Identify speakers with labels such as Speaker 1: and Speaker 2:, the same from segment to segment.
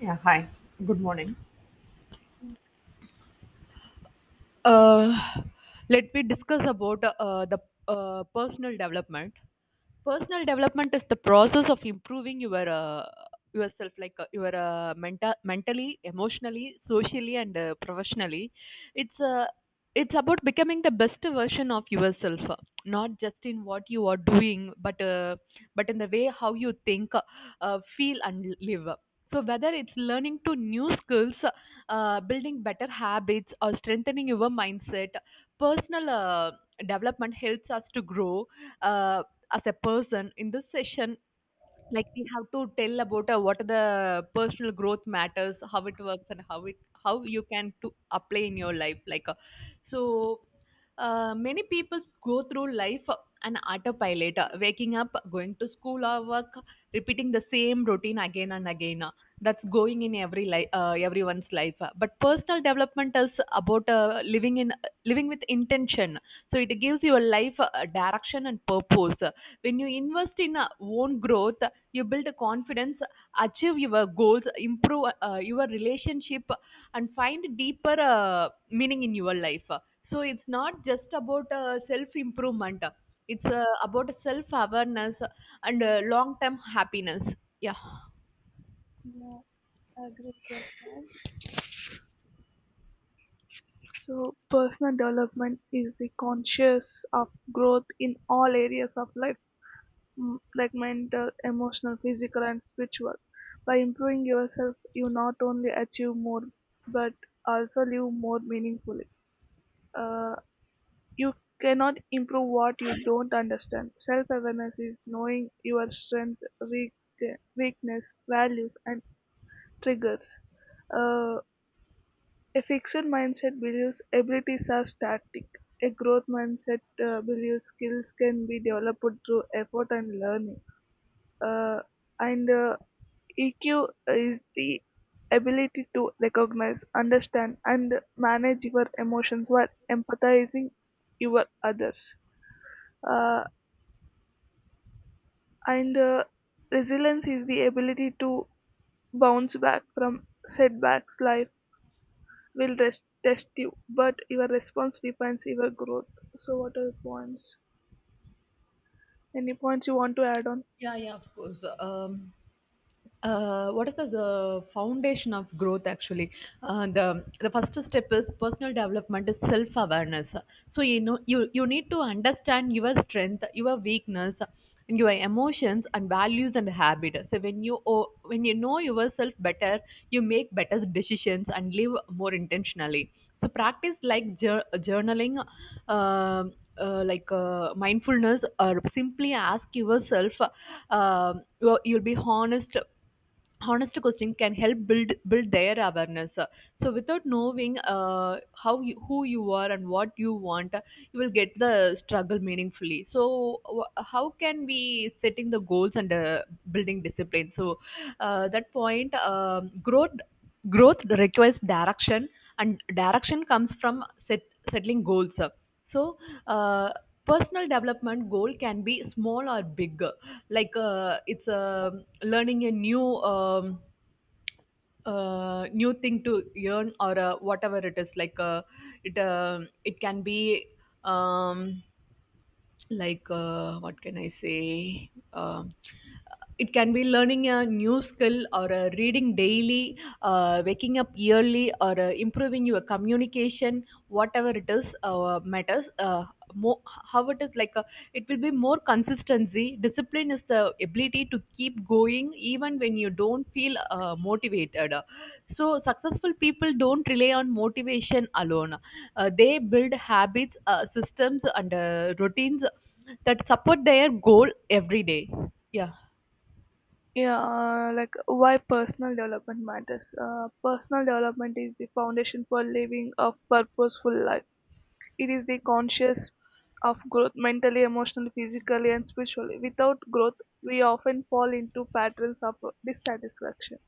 Speaker 1: Yeah, hi. Good morning. Uh, Let me discuss about the personal development. Personal development is the process of improving your yourself, like your mentally, emotionally, socially, and professionally. It's uh, it's about becoming the best version of yourself, not just in what you are doing, but in the way how you think, feel, and live. So whether it's learning to new skills, building better habits, or strengthening your mindset, personal development helps us to grow uh, as a person. In this session, like, we have to tell about what are the personal growth matters, how it works, and how you can to apply in your life, so many people go through life, an autopilot, waking up, going to school or work, repeating the same routine again and again. That's going in every life, everyone's life, but personal development is about living with intention. So it gives your life direction and purpose. When you invest in own growth, you build confidence, achieve your goals, improve your relationship, and find deeper meaning in your life. So it's not just about self improvement, it's about self awareness and long term happiness. Yeah.
Speaker 2: Yeah, I agree with your point. So, personal development is the conscious of growth in all areas of life, like mental, emotional, physical, and spiritual. By improving yourself, you not only achieve more, but also live more meaningfully. Uh, you cannot improve what you don't understand. Self awareness is knowing your strength, weak, weakness, values, and triggers. Uh, A fixed mindset believes abilities are static; a growth mindset believes skills can be developed through effort and learning. Uh, and EQ is the ability to recognize, understand, and manage your emotions while empathizing your others. Uh, and Resilience is the ability to bounce back from setbacks, life will test you, but your response defines your growth. So, what are your points? Any points you want to add on?
Speaker 1: Yeah, yeah, of course. What is the foundation of growth actually? The first step is personal development is self awareness. So you know you need to understand your strength, your weakness, and your emotions and values and habits. So when you when you know yourself better, you make better decisions and live more intentionally. So practice like journaling, like mindfulness, or simply ask yourself. You'll be honest, honest questions can help build their awareness. So without knowing how you, who you are and what you want, you will get the struggle meaningfully. So how can we setting the goals and building discipline? That point, growth requires direction, and direction comes from settling goals. so uh, personal development goal can be small or big, like it's learning a new, new thing to learn, or whatever it is. It can be, um, what can I say, it can be learning a new skill, or reading daily, waking up yearly, or improving your communication, whatever it is. Matters more, how it is, it will be more consistency. Discipline is the ability to keep going even when you don't feel motivated. So successful people don't rely on motivation alone. They build habits, systems, and routines that support their goal every day. Yeah.
Speaker 2: Yeah, like why personal development matters. Personal development is the foundation for living a purposeful life. It is the conscious of growth mentally, emotionally, physically, and spiritually. Without growth, we often fall into patterns of dissatisfaction,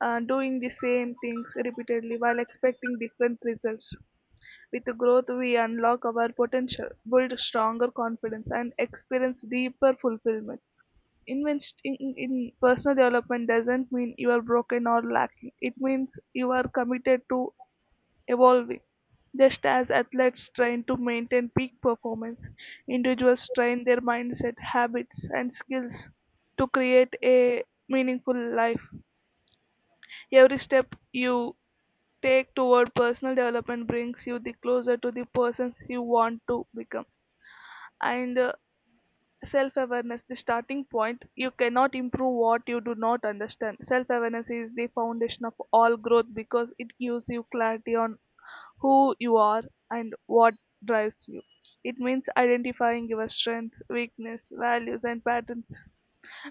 Speaker 2: doing the same things repeatedly while expecting different results. With growth, we unlock our potential, build stronger confidence, and experience deeper fulfillment. Investing in personal development doesn't mean you are broken or lacking. It means you are committed to evolving. Just as athletes train to maintain peak performance, individuals train their mindset, habits, and skills to create a meaningful life. Every step you take toward personal development brings you the closer to the person you want to become. And Self awareness the starting point, you cannot improve what you do not understand. Self awareness is the foundation of all growth because it gives you clarity on who you are and what drives you. It means identifying your strengths, weakness, values, and patterns.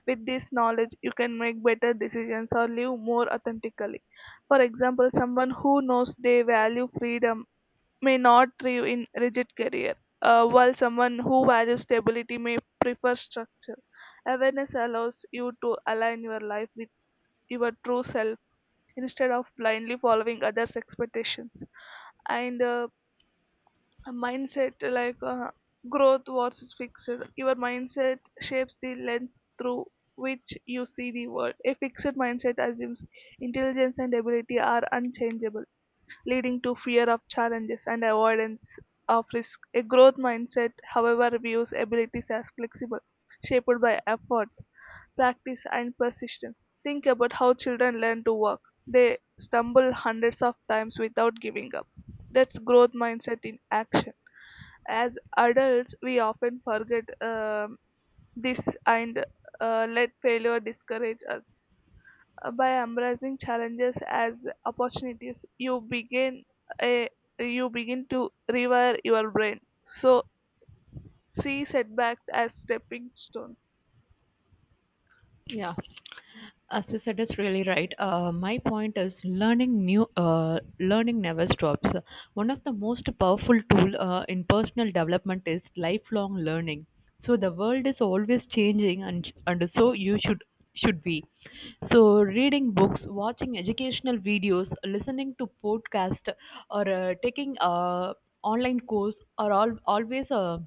Speaker 2: With this knowledge you can make better decisions or live more authentically. For example, someone who knows they value freedom may not thrive in rigid career, while someone who values stability may prefer structure. Awareness allows you to align your life with your true self instead of blindly following others' expectations. And A mindset like growth versus fixed. Your mindset shapes the lens through which you see the world. A fixed mindset assumes intelligence and ability are unchangeable, leading to fear of challenges and avoidance of risk. A growth mindset, however, views abilities as flexible, shaped by effort, practice, and persistence. Think about how children learn to walk. They stumble hundreds of times without giving up. That's growth mindset in action. As adults we often forget this, and let failure discourage us. By embracing challenges as opportunities, a you begin to rewire your brain. So see setbacks as stepping stones.
Speaker 1: Yeah, as you said, it's really right. My point is learning new, learning never stops. One of the most powerful tool in personal development is lifelong learning. So the world is always changing, and so you should be. So reading books, watching educational videos, listening to podcast, or taking a online course are all always a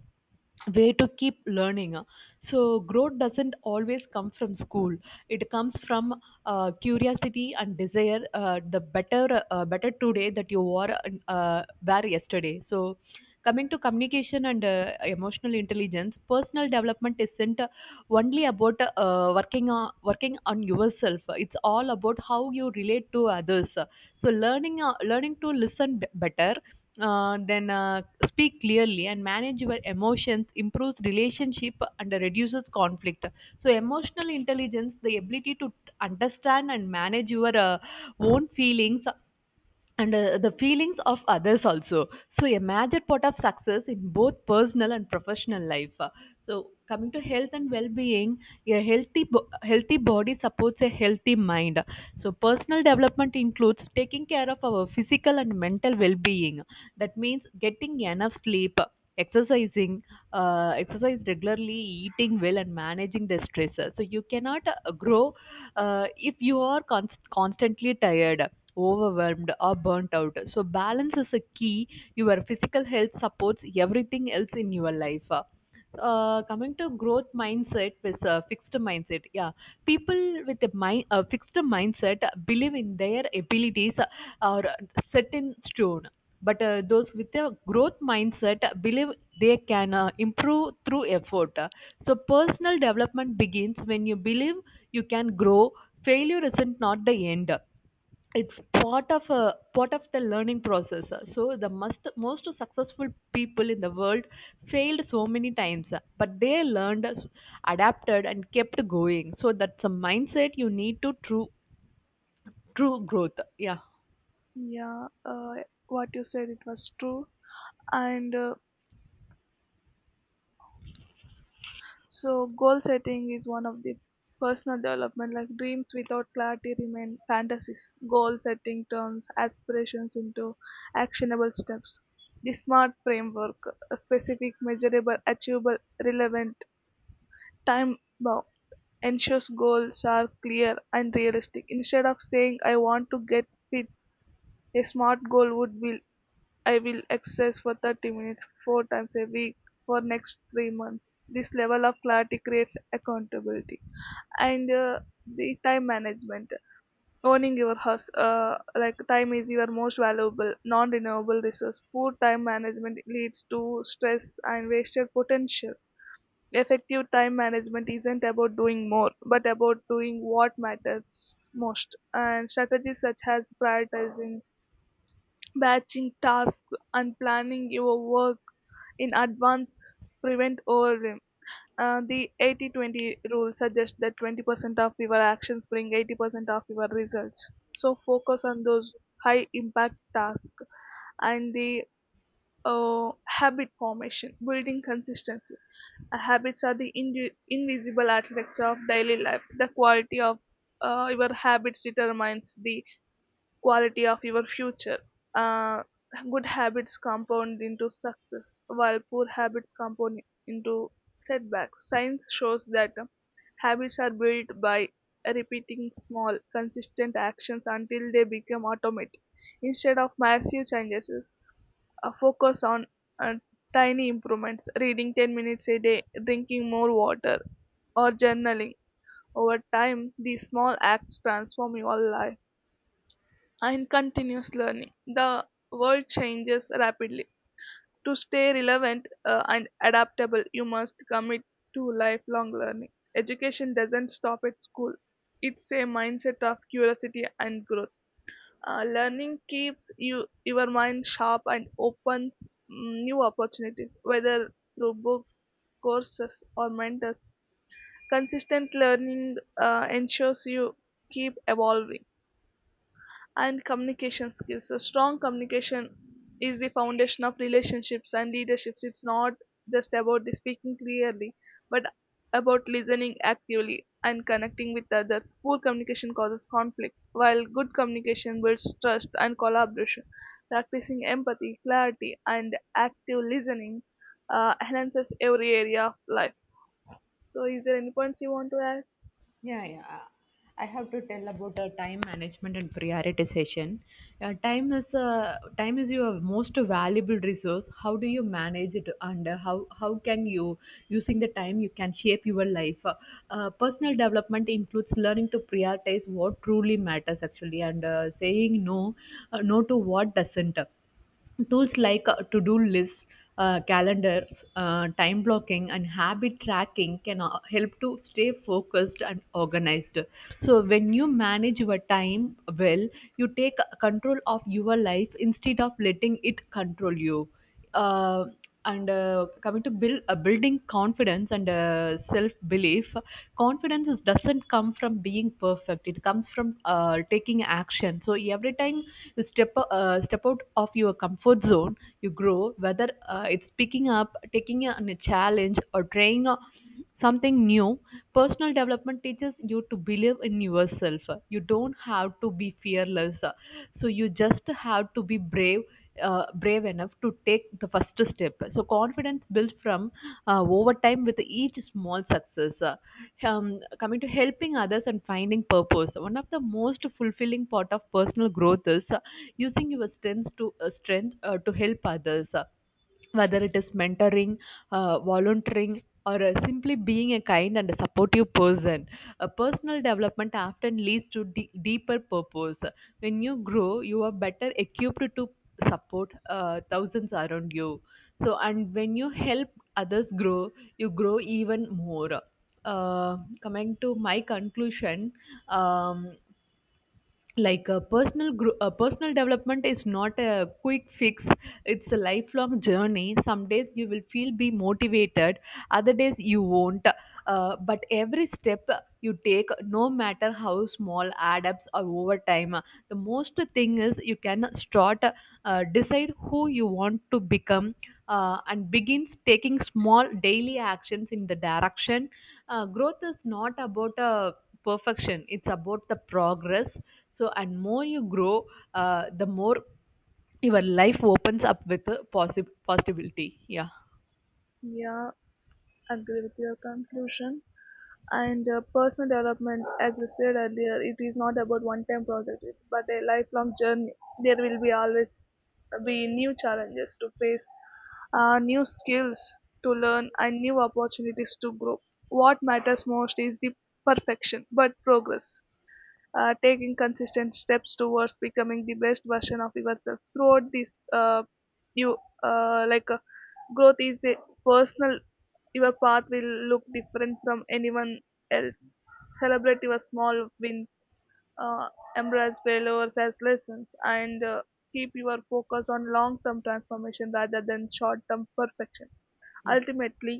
Speaker 1: way to keep learning. So growth doesn't always come from school, it comes from curiosity and desire, the better, better today that you were, were yesterday. So coming to communication and emotional intelligence, personal development isn't only about working on yourself, it's all about how you relate to others. So learning, learning to listen better, then speak clearly and manage your emotions improves relationship and reduces conflict. So emotional intelligence, the ability to understand and manage your own feelings and the feelings of others also, so a major part of success in both personal and professional life. So coming to health and well-being, a healthy bo- healthy body supports a healthy mind. So personal development includes taking care of our physical and mental well-being. That means getting enough sleep, exercising, exercise regularly, eating well, and managing the stress. So you cannot grow if you are constantly tired, overwhelmed, or burnt out. So balance is a key. Your physical health supports everything else in your life. Coming to growth mindset with a fixed mindset, yeah, people with a fixed mindset believe in their abilities, or set in stone, but those with a growth mindset believe they can improve through effort. So personal development begins when you believe you can grow. Failure isn't not the end, it's part of a part of the learning process. So the most successful people in the world failed so many times, but they learned, adapted, and kept going. So that's a mindset you need to true, true growth. yeah.
Speaker 2: Yeah, what you said it was true. And so goal setting is one of the personal development. Like dreams without clarity remain fantasies. Goal setting turns aspirations into actionable steps. The SMART framework: specific, measurable, achievable, relevant, time bound, ensures goals are clear and realistic. Instead of saying, I want to get fit, a smart goal would be, I will exercise for 30 minutes four times a week for next 3 months. This level of clarity creates accountability. And The time management, owning your house, like time is your most valuable non-renewable resource. Poor time management leads to stress and wasted potential. Effective time management isn't about doing more, but about doing what matters most. And strategies such as prioritizing, batching tasks, and planning your work in advance prevent overwhelm. The 80 20 rule suggests that 20% of your actions bring 80% of your results. So focus on those high impact tasks. And the Habit formation, building consistency. Habits are the invisible architecture of daily life. The quality of your habits determines the quality of your future. Uh, Good habits compound into success, while poor habits compound into setbacks. Science shows that habits are built by repeating small, consistent actions until they become automatic. Instead of massive changes, focus on uh, tiny improvements, reading 10 minutes a day, drinking more water, or journaling. Over time, these small acts transform your life. And continuous learning. The world changes rapidly. To stay relevant and adaptable, you must commit to lifelong learning. Education doesn't stop at school, it's a mindset of curiosity and growth. Learning keeps you your mind sharp and opens new opportunities, whether through books, courses, or mentors. Consistent learning ensures you keep evolving. And communication skills. So strong communication is the foundation of relationships and leaderships. It's not just about the speaking clearly, but about listening actively and connecting with others. Poor communication causes conflict, while good communication builds trust and collaboration. Practicing empathy, clarity, and active listening enhances every area of life. So, is there any points you want to add?
Speaker 1: Yeah, yeah. I have to tell about time management and prioritization. Time is, time is your most valuable resource. How do you manage it, and how can you, using the time you can shape your life? Personal development includes learning to prioritize what truly matters actually, and saying no, no to what doesn't. Tools like to-do lists, calendars, time blocking, and habit tracking can help to stay focused and organized. So when you manage your time well, you take control of your life instead of letting it control you. Uh, and Coming to building confidence and self belief, confidence is, doesn't come from being perfect, it comes from taking action. So every time you step out of your comfort zone you grow, whether it's picking up taking on a challenge or trying something new. Personal development teaches you to believe in yourself. You don't have to be fearless, so you just have to be brave, brave enough to take the first step. So confidence built from over time with each small success. Coming to helping others and finding purpose, one of the most fulfilling part of personal growth is using your strengths to, strength to help others, whether it is mentoring, volunteering, or simply being a kind and a supportive person. A personal development often leads to deeper purpose. When you grow, you are better equipped to support thousands around you. So and when you help others grow, you grow even more. Coming to my conclusion, um, like, a a personal development is not a quick fix, it's a lifelong journey. Some days you will feel be motivated, other days you won't. But every step you take, no matter how small, add ups or over time. The most thing is you can start, decide who you want to become, and begins taking small daily actions in the direction. Growth is not about a perfection, it's about the progress. So and more you grow, the more your life opens up with a possibility. Yeah.
Speaker 2: Yeah, agree with your conclusion. And Personal development, as you said earlier, it is not about one time project but a lifelong journey. There will be always be new challenges to face, new skills to learn, and new opportunities to grow. What matters most is the perfection but progress, taking consistent steps towards becoming the best version of yourself throughout this you like Growth is a personal, your path will look different from anyone else. Celebrate your small wins, uh, embrace failures as lessons, and keep your focus on long term transformation rather than short term perfection.
Speaker 1: Yeah.
Speaker 2: Ultimately,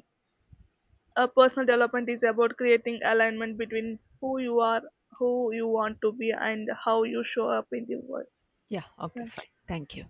Speaker 2: personal development is about creating alignment between who you are, who you want to be, and how you show up in the world.
Speaker 1: Yeah, okay, fine, thank you.